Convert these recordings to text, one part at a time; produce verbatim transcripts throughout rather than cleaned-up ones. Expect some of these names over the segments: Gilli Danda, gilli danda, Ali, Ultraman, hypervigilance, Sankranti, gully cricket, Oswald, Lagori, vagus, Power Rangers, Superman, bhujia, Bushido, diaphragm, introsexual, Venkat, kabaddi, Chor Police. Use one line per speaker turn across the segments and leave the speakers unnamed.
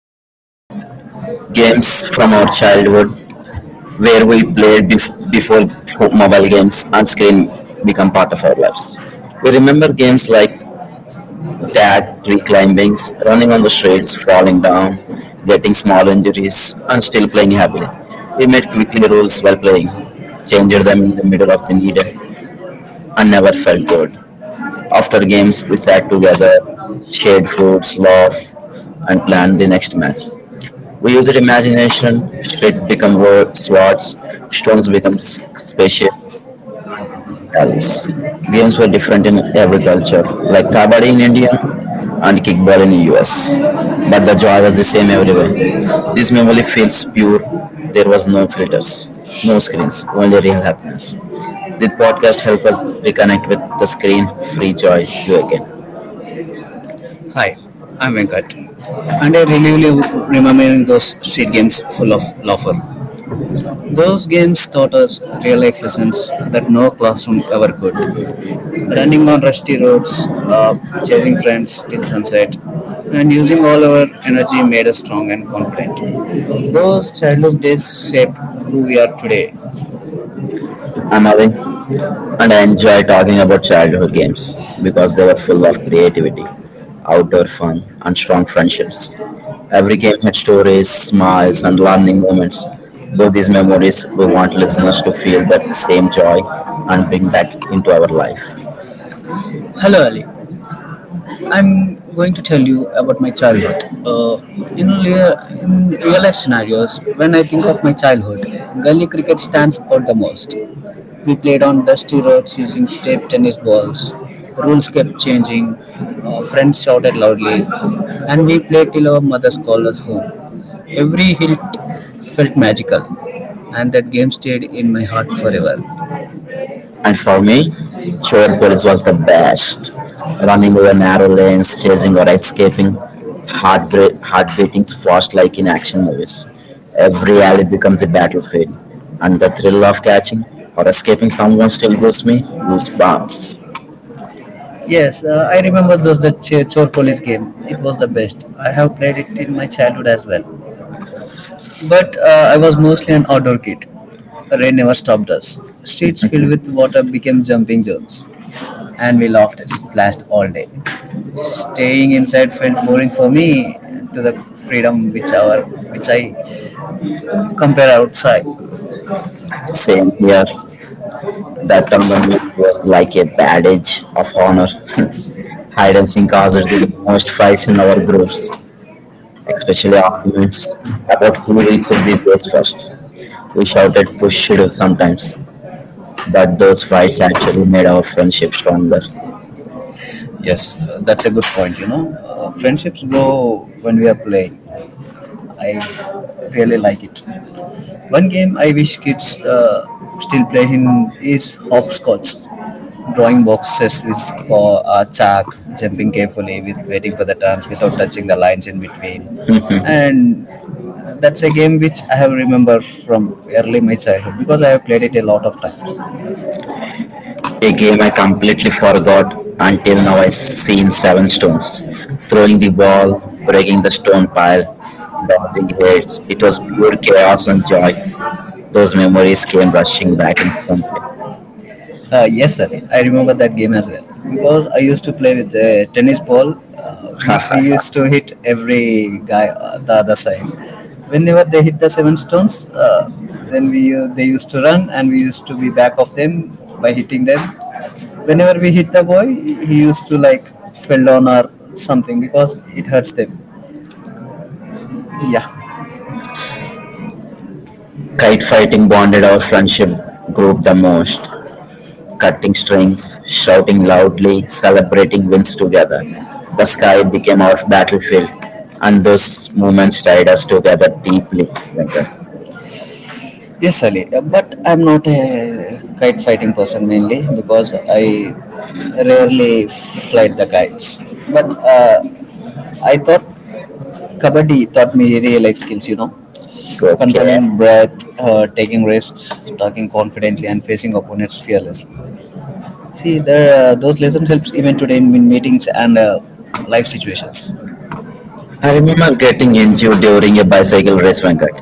to games from our childhood where we played bef- before fo- mobile games and screen become part of our lives. We remember games like tag, tree climbings, running on the streets, falling down, getting small injuries, and still playing happily. We made quickly rules while playing, changed them in the middle of the needed, and never felt bored. After games, we sat together, shared foods, laughed, and planned the next match. We use it imagination, street become wo- swords, stones become s- spaceships, belts. Games were different in every culture, like kabaddi in India and kickball in the U S. But the joy was the same everywhere. This memory feels pure. There was no filters, no screens, only real happiness. This podcast helped us reconnect with the screen-free joy you again.
Hi, I'm Venkat, and I really live remembering those street games full of laughter. Those games taught us real life lessons that no classroom ever could. Running on rusty roads, uh, chasing friends till sunset, and using all our energy made us strong and confident. Those childhood days shaped who we are today.
I'm Avi, and I enjoy talking about childhood games because they were full of creativity, outdoor fun, and strong friendships. Every game had stories, smiles, and learning moments. Through these memories, we want listeners to feel that same joy and bring that into our life.
Hello, Ali. I'm going to tell you about my childhood. Uh, you know, in real life scenarios, when I think of my childhood, gully cricket stands out the most. We played on dusty roads using tape tennis balls. The rules kept changing. Uh, friends shouted loudly, and we played till our mothers called us home. Every hit felt magical, and that game stayed in my heart forever.
And for me, Road Police was the best. Running over narrow lanes, chasing or escaping, heart, bre- heart beatings fast like in action movies. Every alley becomes a battlefield, and the thrill of catching or escaping someone still gives me goosebumps.
Yes, uh, I remember those the Ch- Chor Police game. It was the best. I have played it in my childhood as well. But uh, I was mostly an outdoor kid. Rain never stopped us. Streets filled with water became jumping zones. And we laughed, splashed all day. Staying inside felt boring for me to the freedom which our which I compare outside.
Same here, that on the news was like a badge of honor. Hide and seek caused the most fights in our groups, especially arguments about who reached the base first. We shouted "Bushido" sometimes, but those fights actually made our friendship stronger.
Yes, uh, that's a good point. You know, uh, friendships grow when we are playing. I really like it. One game I wish kids uh, still play in is hopscotch. Drawing boxes with for uh, chalk, jumping carefully with waiting for the turns without touching the lines in between, and uh, that's a game which I have remember from early my childhood because I have played it a lot of times.
A game I completely forgot until now I seen seven stones. Throwing the ball, breaking the stone pile, dodging heads. It was pure chaos and joy. Those memories came rushing back instantly.
Uh, yes, sir. I remember that game as well because I used to play with a tennis ball, uh, which we used to hit every guy on the other side. Whenever they hit the seven stones, uh, then we uh, they used to run and we used to be back of them by hitting them. Whenever we hit the boy, he he used to like fell down or something because it hurts them. Yeah.
Kite fighting bonded our friendship group the most. Cutting strings, shouting loudly, celebrating wins together. The sky became our battlefield, and those moments tied us together deeply. Venkat.
Yes, Ali, uh, but I'm not a kite fighting person mainly because I rarely flight the kites. But uh, I thought kabaddi taught me real life skills, you know,
Okay.
controlling breath, uh, taking risks, talking confidently, and facing opponents fearlessly. See, there, uh, those lessons helps even today in meetings and uh, life situations.
I remember getting injured during a bicycle race, Venkat.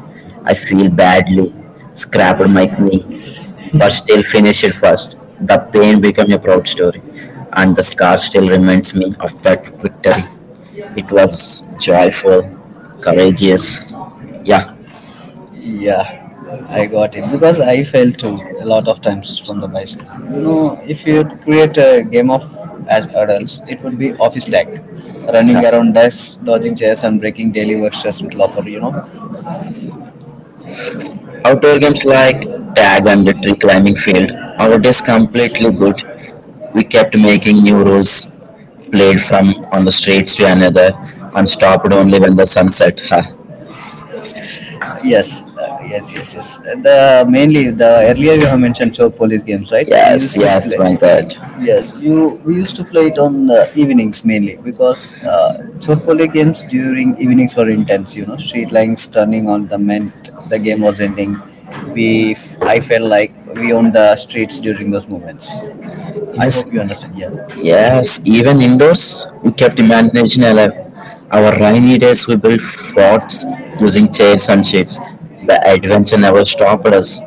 I feel badly, scrapped my knee, but still finished it first. The pain became a proud story, and the scar still reminds me of that victory. It was joyful, courageous. Yeah.
Yeah, I got it because I fell too a lot of times from the bicycle. You know, if you create a game of as adults, it would be office tech, running around desks, dodging chairs, and breaking daily work stress with laughter. You know,
Outdoor games like tag and the tree climbing field our days completely good. We kept making new rules, played from on the streets to another, and stopped only when the sunset. Ha.
yes, uh, yes, yes, yes. The mainly the earlier you have mentioned so police games, right?
Yes, yes, my God.
Yes, you we used to play it on uh, evenings mainly because uh, Chorpole games during evenings were intense. You know, street lines turning on the meant the game was ending. We, I felt like we owned the streets during those moments. I
Yes,
hope you understand. Yeah.
yes. Even indoors, we kept imagination alive. Our rainy days, we built forts using chairs and sheets. The adventure never stopped us.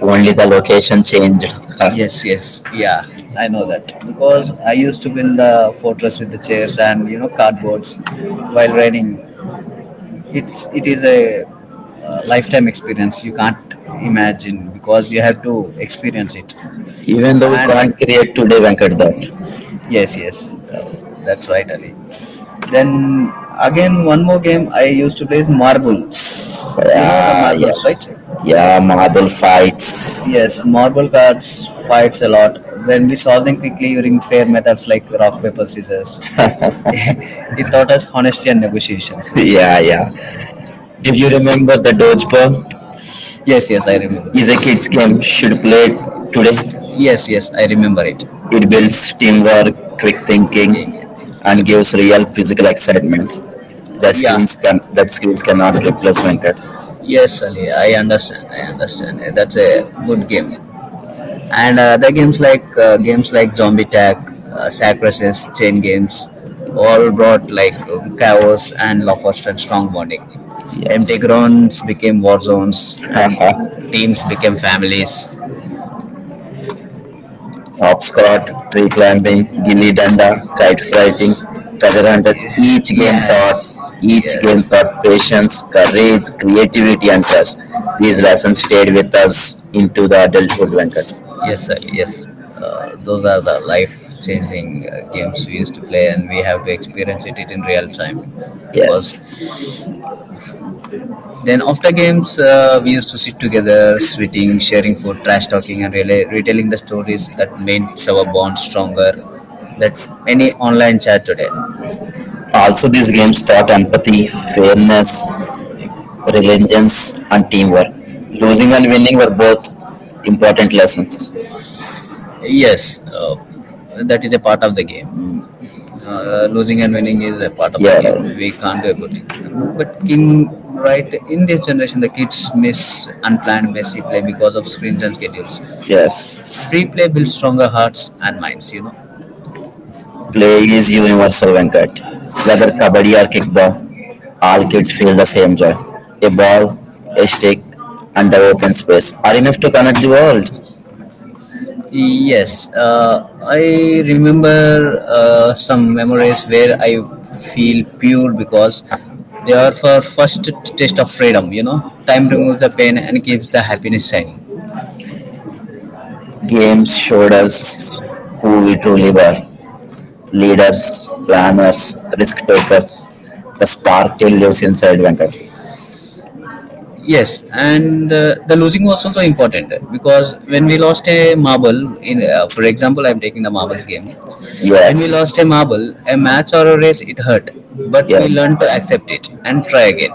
Only the location changed. Ha.
Yes, yes, yeah, I know that because I used to build the fortress with the chairs and you know cardboards while riding. It's it is a uh, lifetime experience. You can't imagine because you have to experience it.
Even though we can't create today, Venkat, that.
Yes, yes, uh, that's right, Ali. Then again, one more game I used to play is marbles. You know the
Ah,
marbles,
yeah.
right?
Yeah, marble fights.
Yes, marble cards fucks a lot. When we solved them quickly using fair methods like rock, paper, scissors, it taught us honesty and negotiations.
Yeah, yeah. Did you remember the dodgeball?
Yes, yes, I remember
Is
it.
a kids game. Should play it today.
Yes, yes, I remember it.
It builds teamwork, quick thinking, and gives real physical excitement. That
Yeah.
skills can that skills cannot replace Venkat.
Yes, Ali, I understand. I understand. That's a good game. And uh, other things like uh, games like Zombie Tag, uh, Sack Versus, Chain Games, all brought like uh, chaos and law fostered strong bonding. Empty
Yes.
grounds became war zones, and teams became families.
Hopscotch, tree climbing, gilli danda, kite fighting, treasure hunters. Each game taught
Yes,
each
yes,
game taught patience, courage, creativity, and trust. These lessons stayed with us into the adulthood, Venkat.
yes, sir, yes. Uh, those are the life-changing uh, games we used to play, and we have experienced it in real time because
Yes.
then after games, uh, we used to sit together, sweating, sharing food, trash talking, and really retelling the stories that made our bond stronger than any online chat today.
Also, these games taught empathy, fairness, religions, and teamwork. Losing and winning were both important lessons.
Yes, uh, that is a part of the game. Uh, losing and winning is a part of the game. We
Yes.
can't do everything, you know. But in, right in this generation, the kids miss unplanned messy play because of screens and schedules.
Yes.
Free play builds stronger hearts and minds, you know.
Play is universal, Venkat. Whether kabaddi or kickball, all kids feel the same joy. A ball, a stick, and the open space are enough to connect the world.
Yes, uh, I remember uh, some memories where I feel pure because they are for first taste of freedom. You know, time removes the
Yes.
pain and keeps the happiness shining.
Games showed us who we truly were leaders, planners, risk takers. The spark still lives inside Venkat.
Yes, and uh, the losing was also important because when we lost a marble, in uh, for example, I'm taking the marbles game. When we
Yes,
lost a marble, a match or a race, it hurt, but we
yes,
learned to accept it and try again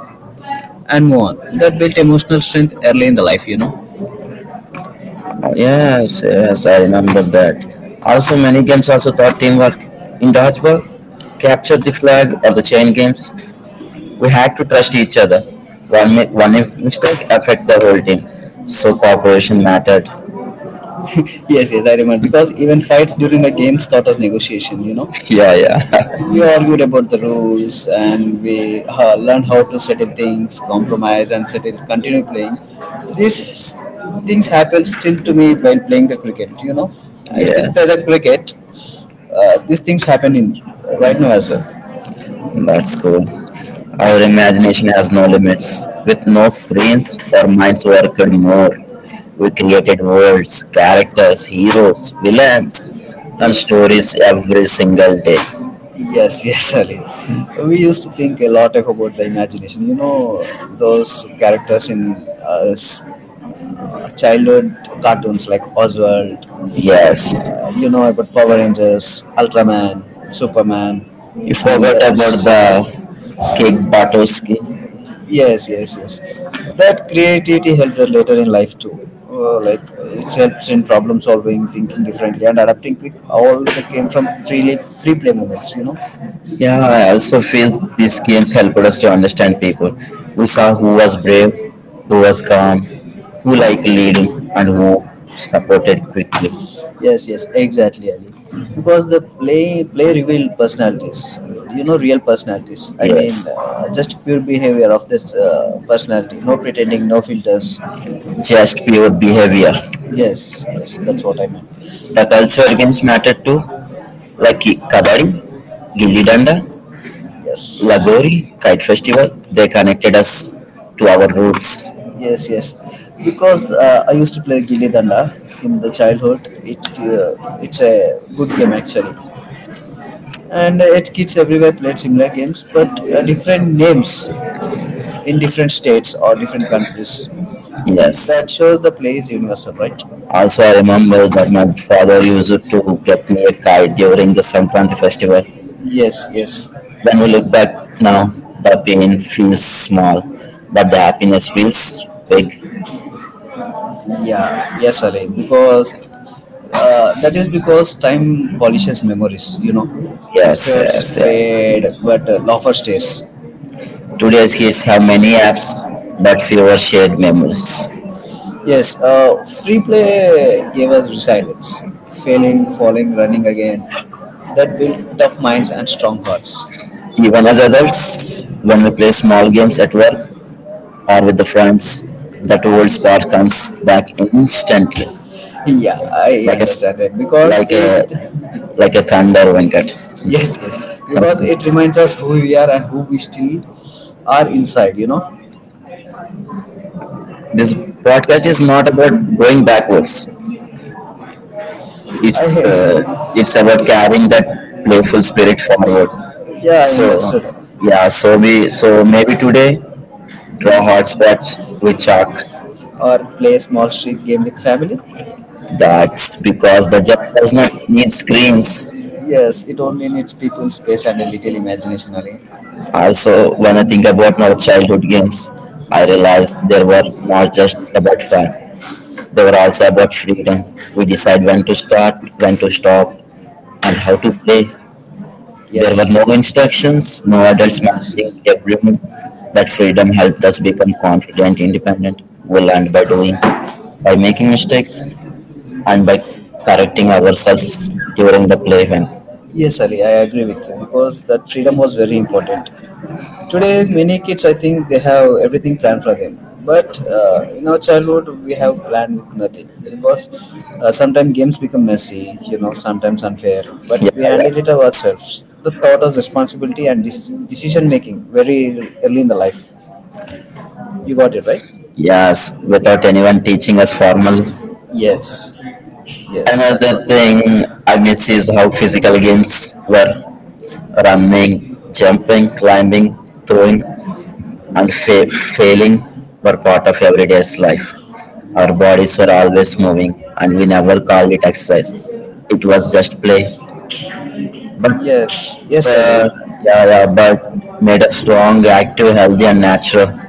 and move on. That built emotional strength early in the life, you know.
yes, yes, I remember that. Also, many games also taught teamwork. In dodgeball, capture the flag or the chain games, we had to trust each other. One mi- one mistake affects the whole team, so cooperation mattered.
Yes, yes, I remember. Because even fights during the games taught us negotiation, you know.
Yeah, yeah,
We argued about the rules and we ha- learned how to settle things, compromise and settle, continue playing. These things happen still to me while playing the cricket, you know. I still
yes,
play the cricket. Uh, these things happen in, uh, right now as well.
that's cool. Our imagination has no limits. With no screens, our minds worked more. We created worlds, characters, heroes, villains, and stories every single day.
Yes, yes, Ali. We used to think a lot of about the imagination. You know, those characters in uh, s- childhood cartoons like Oswald.
Yes,
You know about Power Rangers, Ultraman, Superman,
you
and
forgot about the cake Batowski.
yes, yes, yes. That creativity helps her later in life too. Uh, like it helps in problem solving, thinking differently, and adapting quick. All of that came from freely free play moments, you know.
Yeah, I also feel these games helped us to understand people. We saw who was brave, who was calm, who liked leading, and who supported quickly.
Yes, yes, exactly. Because the play play revealed personalities, you know, real personalities. I mean,
Yes,
uh, just pure behavior of this uh, personality, no pretending, no filters.
just pure behavior.
Yes, yes, that's what. I
The cultural games mattered too, like ki- Kabaddi, Gilli Danda,
yes,
Lagori, Kite Festival. They connected us to our roots.
yes, yes. Because uh, I used to play Gilli Danda in the childhood. It, uh, it's a good game actually, and uh, it kids everywhere played similar, games, but uh, different names in different states or different countries.
Yes.
That shows the play is universal, right?
Also, I remember that my father used to get me a kite during the Sankranti festival.
Yes, yes,
When we look back now, the pain feels small, but the happiness feels big.
yeah, yes, Alain. Because uh, that is because time polishes memories. You know,
Yes,
squares
yes, yes.
fade, but uh, laughter stays.
Today's kids have many apps, but fewer shared memories.
Yes, uh, free play gave us resilience, failing, falling, running again. That tough minds and strong hearts.
Even as adults, when we play small games at work or with the friends, that old spark comes back instantly,
Yeah, I
like a s-
understand it because
like a
it,
like a thunder, Venkat.
yes, yes, because it reminds us who we are and who we still are inside, you know.
This podcast is not about going backwards. It's
I,
uh, it's about carrying that playful spirit forward.
yeah, I
So
understood.
yeah, so we so maybe today draw hotspots with chalk.
Or play a small street game with family.
That's because the job does not need screens.
Yes, it only needs people, space, and a little imagination, Ali.
Also, when I think about my childhood games, I realized they were not just about fun. They were also about freedom. We decide when to start, when to stop, and how to play. There were
Yes.
no instructions, no adults managing every move. That freedom helped us become confident, independent. We learned by doing, by making mistakes, and by correcting ourselves during the play when
Yes, Ali, I agree with you because that freedom was very important. Today, many kids, I think, they have everything planned for them. But uh, in our childhood, we have planned with nothing because uh, sometimes games become messy, you know, sometimes unfair. But
yeah,
we
yeah,
handle it ourselves. The thought of responsibility and dec- decision making very early in the life. You got it right.
yes, without anyone teaching us formal.
Yes. Yes.
Another thing I miss is how physical games were running, jumping, climbing, throwing, and fa- failing were part of everyday's life. Our bodies were always moving, and we never called it exercise. It was just play, but
Yes. Yes, I do.
uh, yeah, yeah, but made us strong, active, healthy, and natural.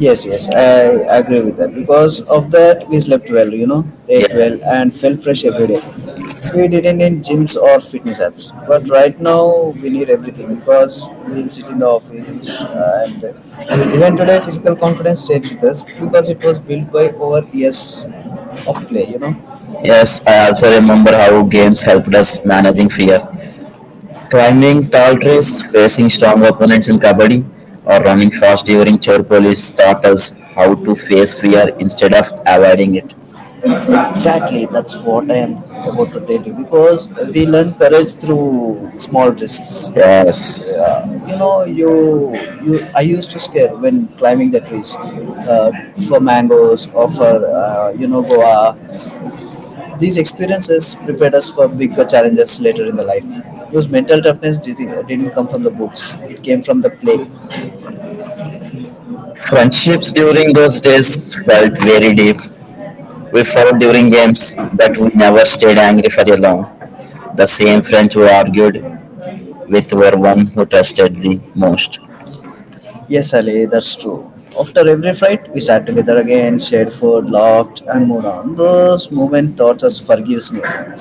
Yes, yes, I agree with that. Because of that, we slept well, you know,
Yeah.
ate, yeah, well, and felt fresh every day. We didn't need gyms or fitness apps. But right now, we need everything because we'll sit in the office. And we even the physical confidence stayed with us because it was built by own years of play, you know.
Yes, I also remember how games helped us managing fear. Climbing tall trees, facing strong opponents in kabaddi, or running fast during chore police taught us how to face fear instead of avoiding it.
Exactly, that's what I am about to tell you because we learn courage through small risks.
Yes.
Yeah, you know, you you. I used to scare when climbing the trees uh, for mangoes or for uh, you know Goa. These experiences prepared us for bigger challenges later in the life. Those mental toughness did, didn't come from the books; it came from the play.
Friendships during those days felt very deep. We fought during games, but we never stayed angry for a long. The same friends who argued with were one who trusted the most.
Yes, Ali, that's true. After every fight, we sat together again, shared food, laughed, and moved on. Those moments taught us forgiveness.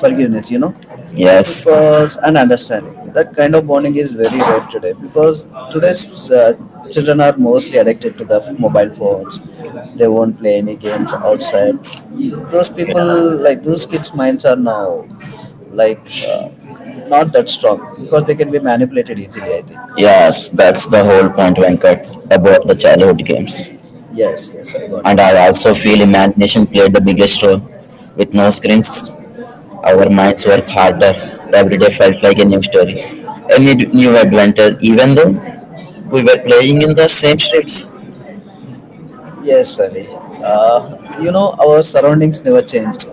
Forgiveness, you know.
Yes.
Because and understanding that kind of bonding is very rare today because today's uh, children are mostly addicted to the mobile phones. They won't play any games outside. Those people, like those kids' minds, are now like uh, not that strong because they can be manipulated easily, I think.
Yes, that's the whole point, Venkat, about the childhood games.
Yes, yes, I
And I
got it.
also feel imagination played the biggest role. With no screens, our minds work harder. Every day felt like a new story, a new new adventure, even though we were playing in the same streets.
Yes, Ali. Uh, you know, our surroundings never changed,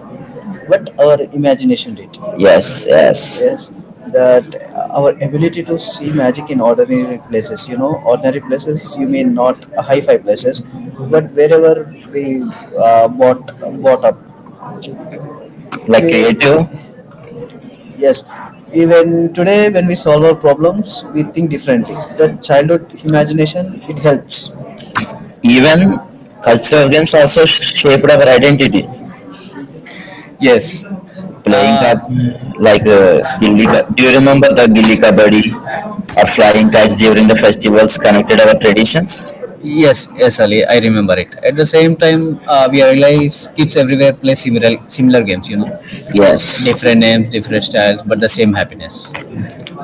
but our imagination did.
Yes, yes.
That our ability to see magic in ordinary places, you know, ordinary places, you mean not uh, hi-fi places, but wherever we uh, bought, uh, bought up,
Like
we,
creative,
yes, even today when we solve our problems, we think differently. The childhood imagination, it helps.
even cultural games also shaped our identity.
Yes.
Playing
Uh,
up like uh, gilli. Ka- Do you remember the gilli kabaddi or flying kites during the festivals connected our traditions?
yes, yes, Ali, I remember it. At the same time, uh, we realize kids everywhere play similar, similar games, you know,
Yes,
different names, different styles, but the same happiness.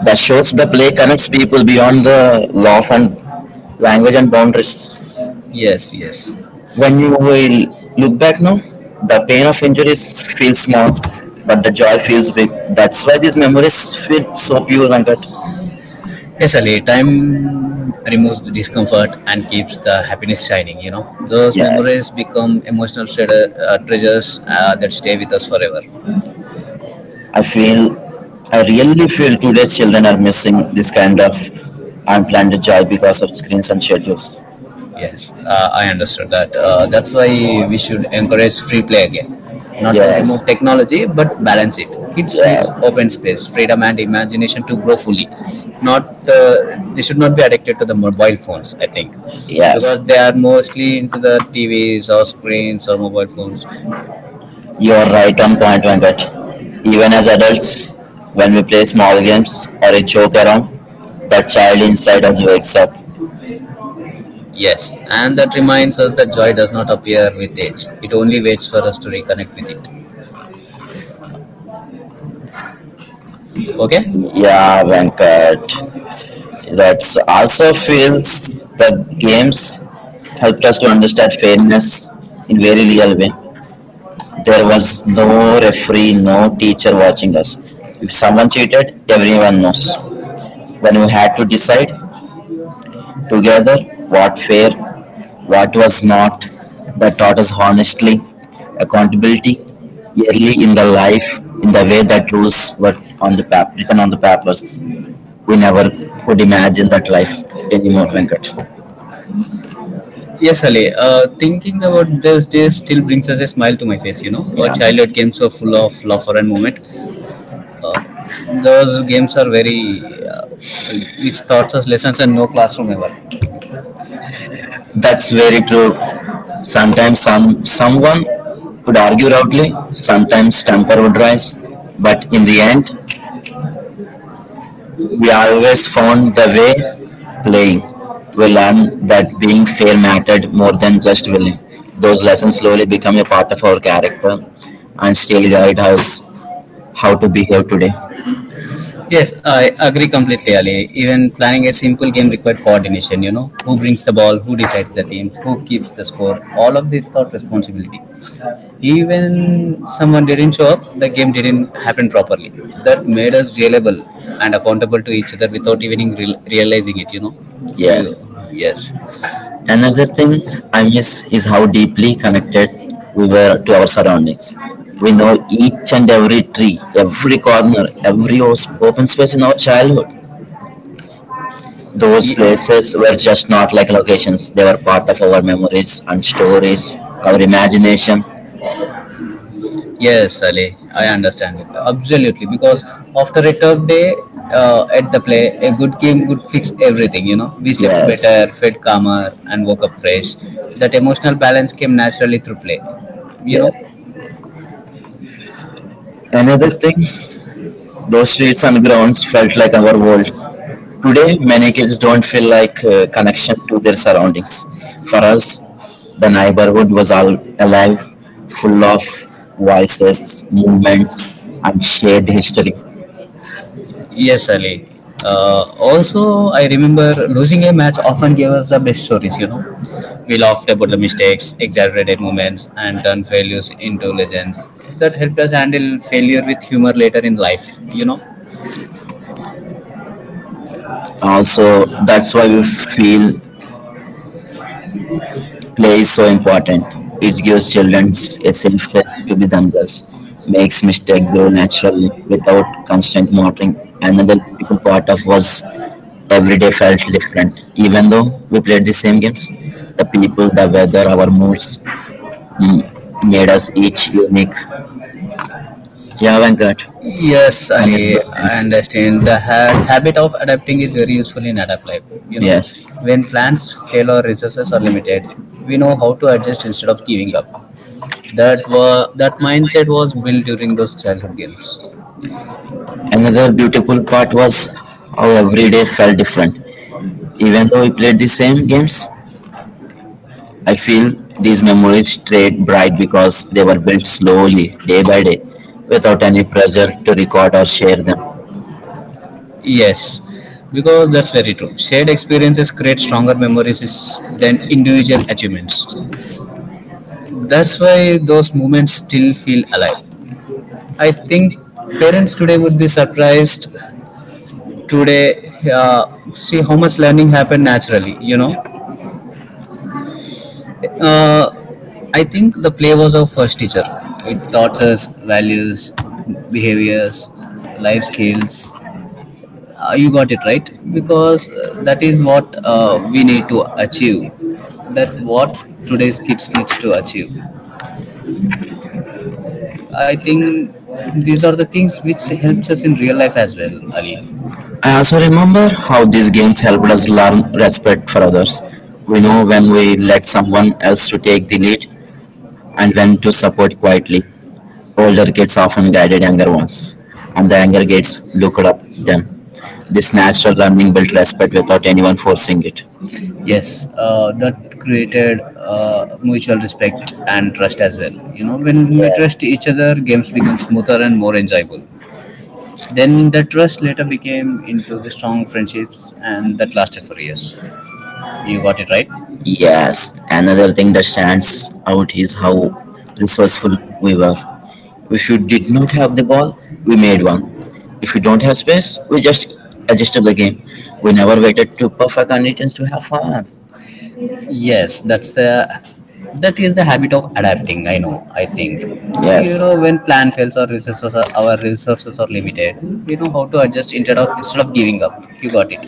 that shows the play connects people beyond the law and language and boundaries.
Yes, yes.
When you will look back now, the pain of injuries feels small, but the joy feels big. That's why these memories feel so pure, Venkat.
Yes, Ali, time removes the discomfort and keeps the happiness shining, you know. Those
Yes.
memories become emotional treasure, uh, treasures uh, that stay with us forever.
I feel, I really feel today's children are missing this kind of unplanned joy because of screens and schedules.
Yes, uh, I understood that. Uh, that's why we should encourage free play, not to
Yes,
technology, but balance it. Keep streets
yeah,
open space, freedom and imagination to grow fully. Not uh, They should not be addicted to the mobile phones, I think,
yes.
but they are mostly into the T Vs or screens or mobile phones.
You're right on point, Venkat. Even as adults, when we play small games or a joke around, that child inside us wakes up.
Yes, and that reminds us that joy does not appear with age. It only waits for us to reconnect with it. Okay?
Yeah, Venkat. That's also feels that games helped us to understand fairness in very real way. There was no referee, no teacher watching us. If someone cheated, everyone knows. When we had to decide together what fair, what was not, that taught us honestly, accountability, early in the life, in the way that rules were on the pap- written on the papers. We never could imagine that life anymore, Venkat.
Yes, Ali. Uh, thinking about those days still brings us a smile to my face, you know. Our
Yeah.
childhood games were full of laughter and moment. Uh, those games are very, uh, which taught us lessons and no classroom ever.
That's very true. Sometimes some someone would argue loudly, sometimes temper would rise, but in the end, we always found the way playing. We learned that being fair mattered more than just winning. Those lessons slowly become a part of our character and still guide us how to behave today.
Yes, I agree completely, Ali. Even planning a simple game required coordination, you know. Who brings the ball, who decides the teams, who keeps the score. All of these taught responsibility. Even someone didn't show up, the game didn't happen properly. That made us reliable and accountable to each other without even real- realizing it. You know. You,
Yes.
yes.
Another thing I miss is how deeply connected we were to our surroundings. We know each and every tree, every corner, every os- open space in our childhood. Those places were just not like locations, they were part of our memories and stories, our imagination.
Yes, Ali. I understand it absolutely because after a tough day uh, at the play, a good game would fix everything. You know, we slept
Yeah,
better, felt calmer, and woke up fresh. That emotional balance came naturally through play. You
yeah.
know.
Another thing, those streets and grounds felt like our world. Today, many kids don't feel like uh, connection to their surroundings. For us, the neighborhood was all alive, full of voices, movements, and shared history.
Yes, Ali. Uh, also, I remember losing a match often gave us the best stories, you know. We laughed about the mistakes, exaggerated moments, and turned failures into legends. That helped us handle failure with humor later in life.
Also, that's why we feel play is so important. It gives children a safe place to be themselves, makes mistakes grow naturally without constant monitoring. Another beautiful part of was every day felt different, even though we played the same games. The people, the weather, our moods mm, made us each unique. Yeah, Venkat,
Yes,
I miss
Ali,
those
I
days.
understand. The ha- habit of adapting is very useful in adapt life. You know,
Yes.
when plans fail or resources are limited, we know how to adjust instead of giving up. That wa- that mindset was built during those childhood games.
Another beautiful part was how every day felt different. Even though we played the same games, I feel these memories stayed bright because they were built slowly, day by day, without any pressure to record or share them.
Yes, because that's very true. Shared experiences create stronger memories is- than individual achievements. That's why those moments still feel alive. I think parents today would be surprised today uh, see how much learning happened naturally. You know, uh, I think the play was our first teacher. It taught us values, behaviors, life skills. Uh, you got it right because uh, that is what uh, we need to achieve. That what today's kids needs to achieve. I think these are the things which helps us in real life as well, Ali.
I also remember how these games helped us learn respect for others. We know when we let someone else to take the lead and when to support quietly. Older kids often guided younger ones, and the younger kids looked up them. This natural learning built respect without anyone forcing it.
Yes, uh, that created uh, mutual respect and trust as well. You know, when we
Yes.
trust each other, games become smoother and more enjoyable. Then the trust later became into the strong friendships, and that lasted for years. You got it right.
Yes, another thing that stands out is how resourceful we were. If you did not have the ball, we made one. If you don't have space, we just adjusted the game. We never waited to perfect conditions to have fun.
Yes, that's the that is the habit of adapting. I know. I think, you
Yes,
know, when plan fails or resources are, our resources are limited, we know how to adjust instead of instead of giving up. You got it.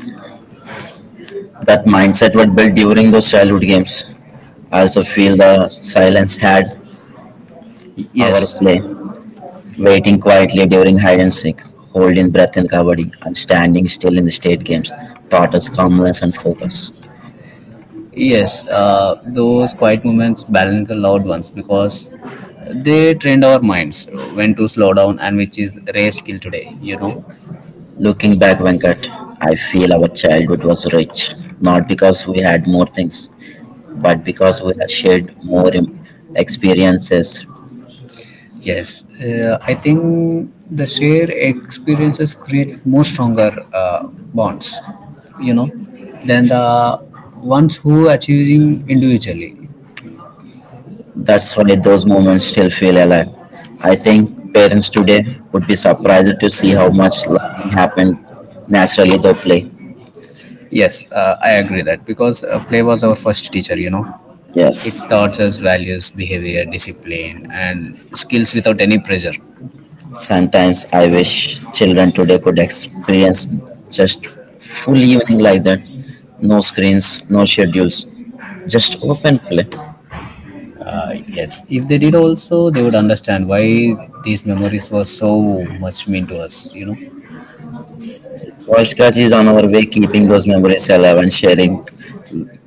that mindset was built during those childhood games. I also feel the silence had our
Yes,
play, waiting quietly during hide and seek, holding breath in kabaddi, and standing still in the state games taught us calmness and focus.
yes. Uh, those quiet moments balance the loud ones because they trained our minds when to slow down, and which is rare skill today. You know.
Looking back, Venkat, I feel our childhood was rich, not because we had more things, but because we had shared more im- experiences.
Yes, uh, I think the shared experiences create more stronger uh, bonds, you know, than the ones who achieving individually.
That's why those moments still feel alive. I think parents today would be surprised to see how much learning happened naturally through play.
Yes, uh, I agree that because uh, play was our first teacher, you know, it
Yes.
taught us values, behavior, discipline, and skills without any pressure.
Sometimes I wish children today could experience just full evening like that. No screens, no schedules, just open play.
Uh, yes, if they did also, they would understand why these memories were so much mean to us, you know.
Podcast is on our way keeping those memories alive and sharing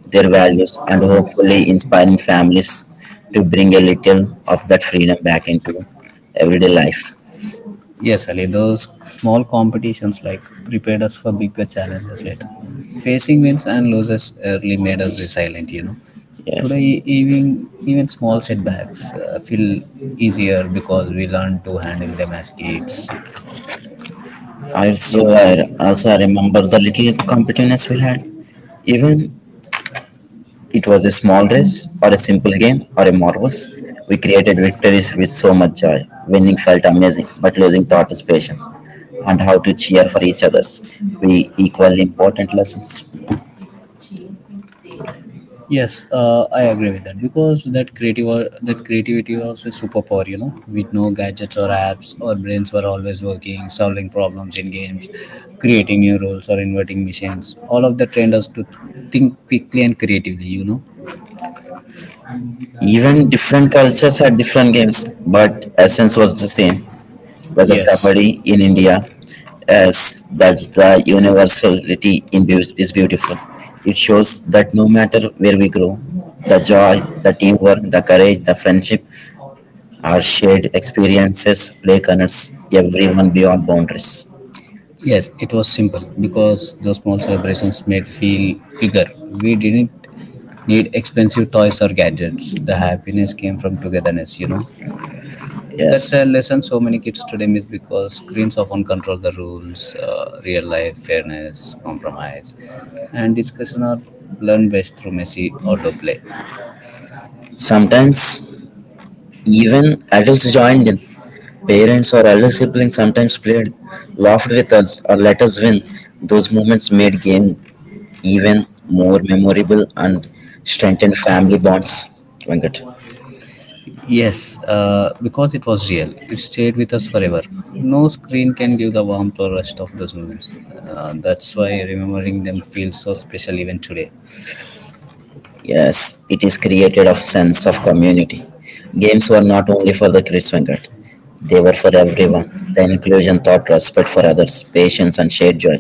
their values and hopefully inspiring families to bring a little of that freedom back into everyday life.
Yes, Ali, those small competitions like prepared us for bigger challenges later. Facing wins and losses early made us resilient, you know.
Yes.
Today, even, even small setbacks uh, feel easier because we learn to handle them as kids.
Also, I also I remember the little competitiveness we had. Even it was a small race, or a simple game, or a marvels. We created victories with so much joy. Winning felt amazing, but losing taught us patience and how to cheer for each others. We equally important lessons.
Yes, uh, I agree with that because that creative uh, that creativity was a superpower. You know, with no gadgets or apps, our brains were always working, solving problems in games, creating new rules, or inventing machines. All of that trained us to think quickly and creatively. You know,
Even different cultures had different games, but essence was the same. Whether
yes,
kabaddi in India, as that's the universality in beau- is beautiful. It shows that no matter where we grow, the joy, the teamwork, the courage, the friendship, our shared experiences, play connects everyone beyond boundaries.
yes, it was simple because those small celebrations made feel bigger. We didn't need expensive toys or gadgets. The happiness came from togetherness. You know. That's
Yes.
a lesson so many kids today miss because screens often control the rules, uh, real life fairness, compromise, and discussion are learned best through messy outdoor play.
Sometimes even adults joined in. Parents or elder siblings sometimes played, laughed with us, or let us win. Those moments made game even more memorable and strengthened family bonds, Venkat.
Yes, uh, because it was real, it stayed with us forever. No screen can give the warmth or rest of those moments. Uh, that's why remembering them feels so special even today.
Yes, it is created of sense of community. Games were not only for the kids, Venkat. They were for everyone. The inclusion taught respect for others, patience, and shared joy.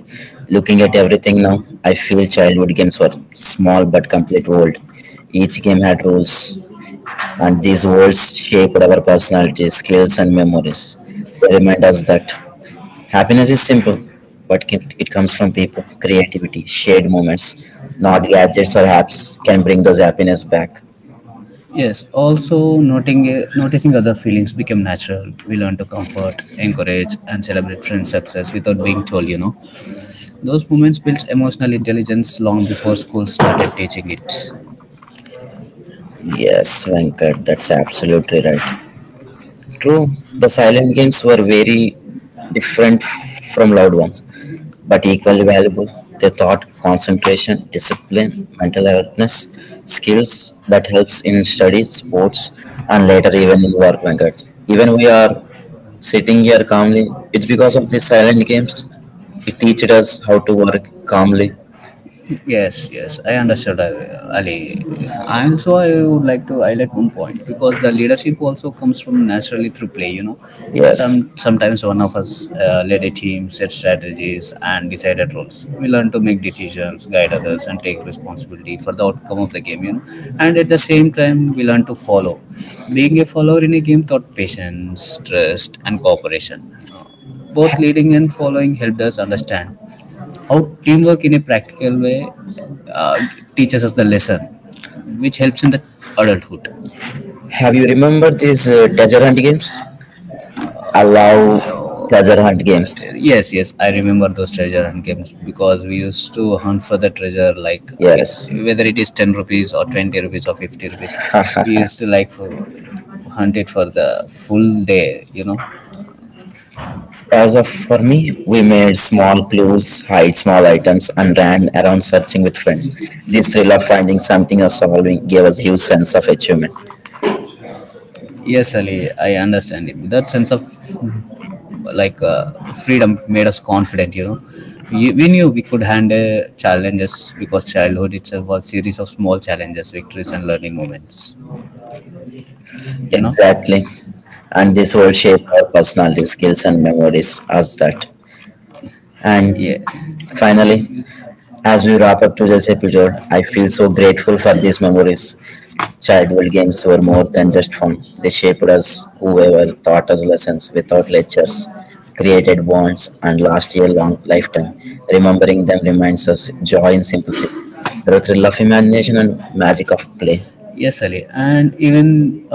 Looking at everything now, I feel childhood games were small but complete world. Each game had rules, and these worlds shaped our personalities, skills, and memories. They remind us that happiness is simple, but it it comes from people, creativity, shared moments, not gadgets or apps can bring those happiness back.
Yes, also noting, uh, noticing other feelings became natural. We learn to comfort, encourage, and celebrate friends' success without being told, you know. Those moments built emotional intelligence long before school started teaching it.
Yes, Venkat, that's absolutely right. True, the silent games were very different from loud ones, but equally valuable. They taught concentration, discipline, mental alertness, skills that helps in studies, sports, and later even in work market. Even we are sitting here calmly, it's because of these silent games. It teaches us how to work calmly.
Yes, yes, I understood, uh, Ali. And so I would like to highlight one point because the leadership also comes from naturally through play. You know,
Yes.
some sometimes one of us uh, led a team, set strategies, and decided roles. We learn to make decisions, guide others, and take responsibility for the outcome of the game. You know, and at the same time, we learn to follow. Being a follower in a game taught patience, trust, and cooperation. Both leading and following helped us understand how teamwork in a practical way uh, teaches us the lesson, which helps in the adulthood.
Have you remembered these uh, treasure hunt games? I love treasure hunt games.
Yes, yes, I remember those treasure and games because we used to hunt for the treasure. Like it,
Yes.
whether it is ten rupees or twenty rupees or fifty rupees, we used to like for, hunt it for the full day. You know.
As of for me, we made small clues, hide small items, and ran around searching with friends. This thrill of finding something or solving gave us huge sense of achievement.
Yes, Ali, I understand it. That sense of like uh, freedom made us confident, you know. You- we knew we could handle challenges because childhood itself was a series of small challenges, victories, and learning moments, you know.
Exactly. And this will shape our personality, skills, and memories as that. And finally, as we wrap up today's episode, I feel so grateful for these memories. Childhood games were more than just fun. They shaped us, whoever taught us lessons without lectures, created bonds, and last a long lifetime. Remembering them reminds us joy in simplicity, the thrill of imagination, and magic of play.
Yes, Ali, and even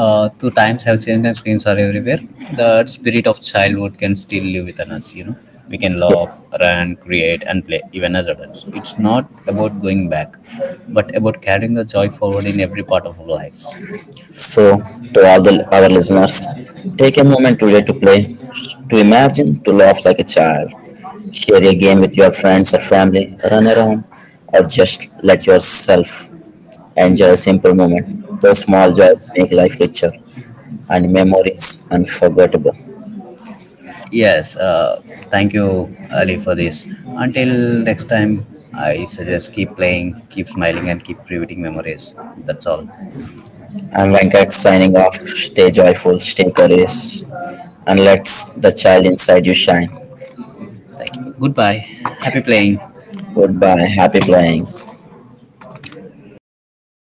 uh, though times have changed and screens are everywhere, the spirit of childhood can still live within us, you know. We can laugh, run, create, and play even as adults. It's not about going back, but about carrying the joy forward in every part of our lives.
So, to all the, our listeners, take a moment today to play, to imagine, to laugh like a child, share a game with your friends or family, run around, or just let yourself enjoy a simple moment. Those small joys make life richer, and memories unforgettable.
Yes, uh, thank you, Ali, for this. Until next time, I suggest keep playing, keep smiling, and keep creating memories. That's all.
I'm Venkat signing off. Stay joyful, stay curious, and let the child inside you shine.
Thank you. Goodbye. Happy playing.
Goodbye. Happy playing.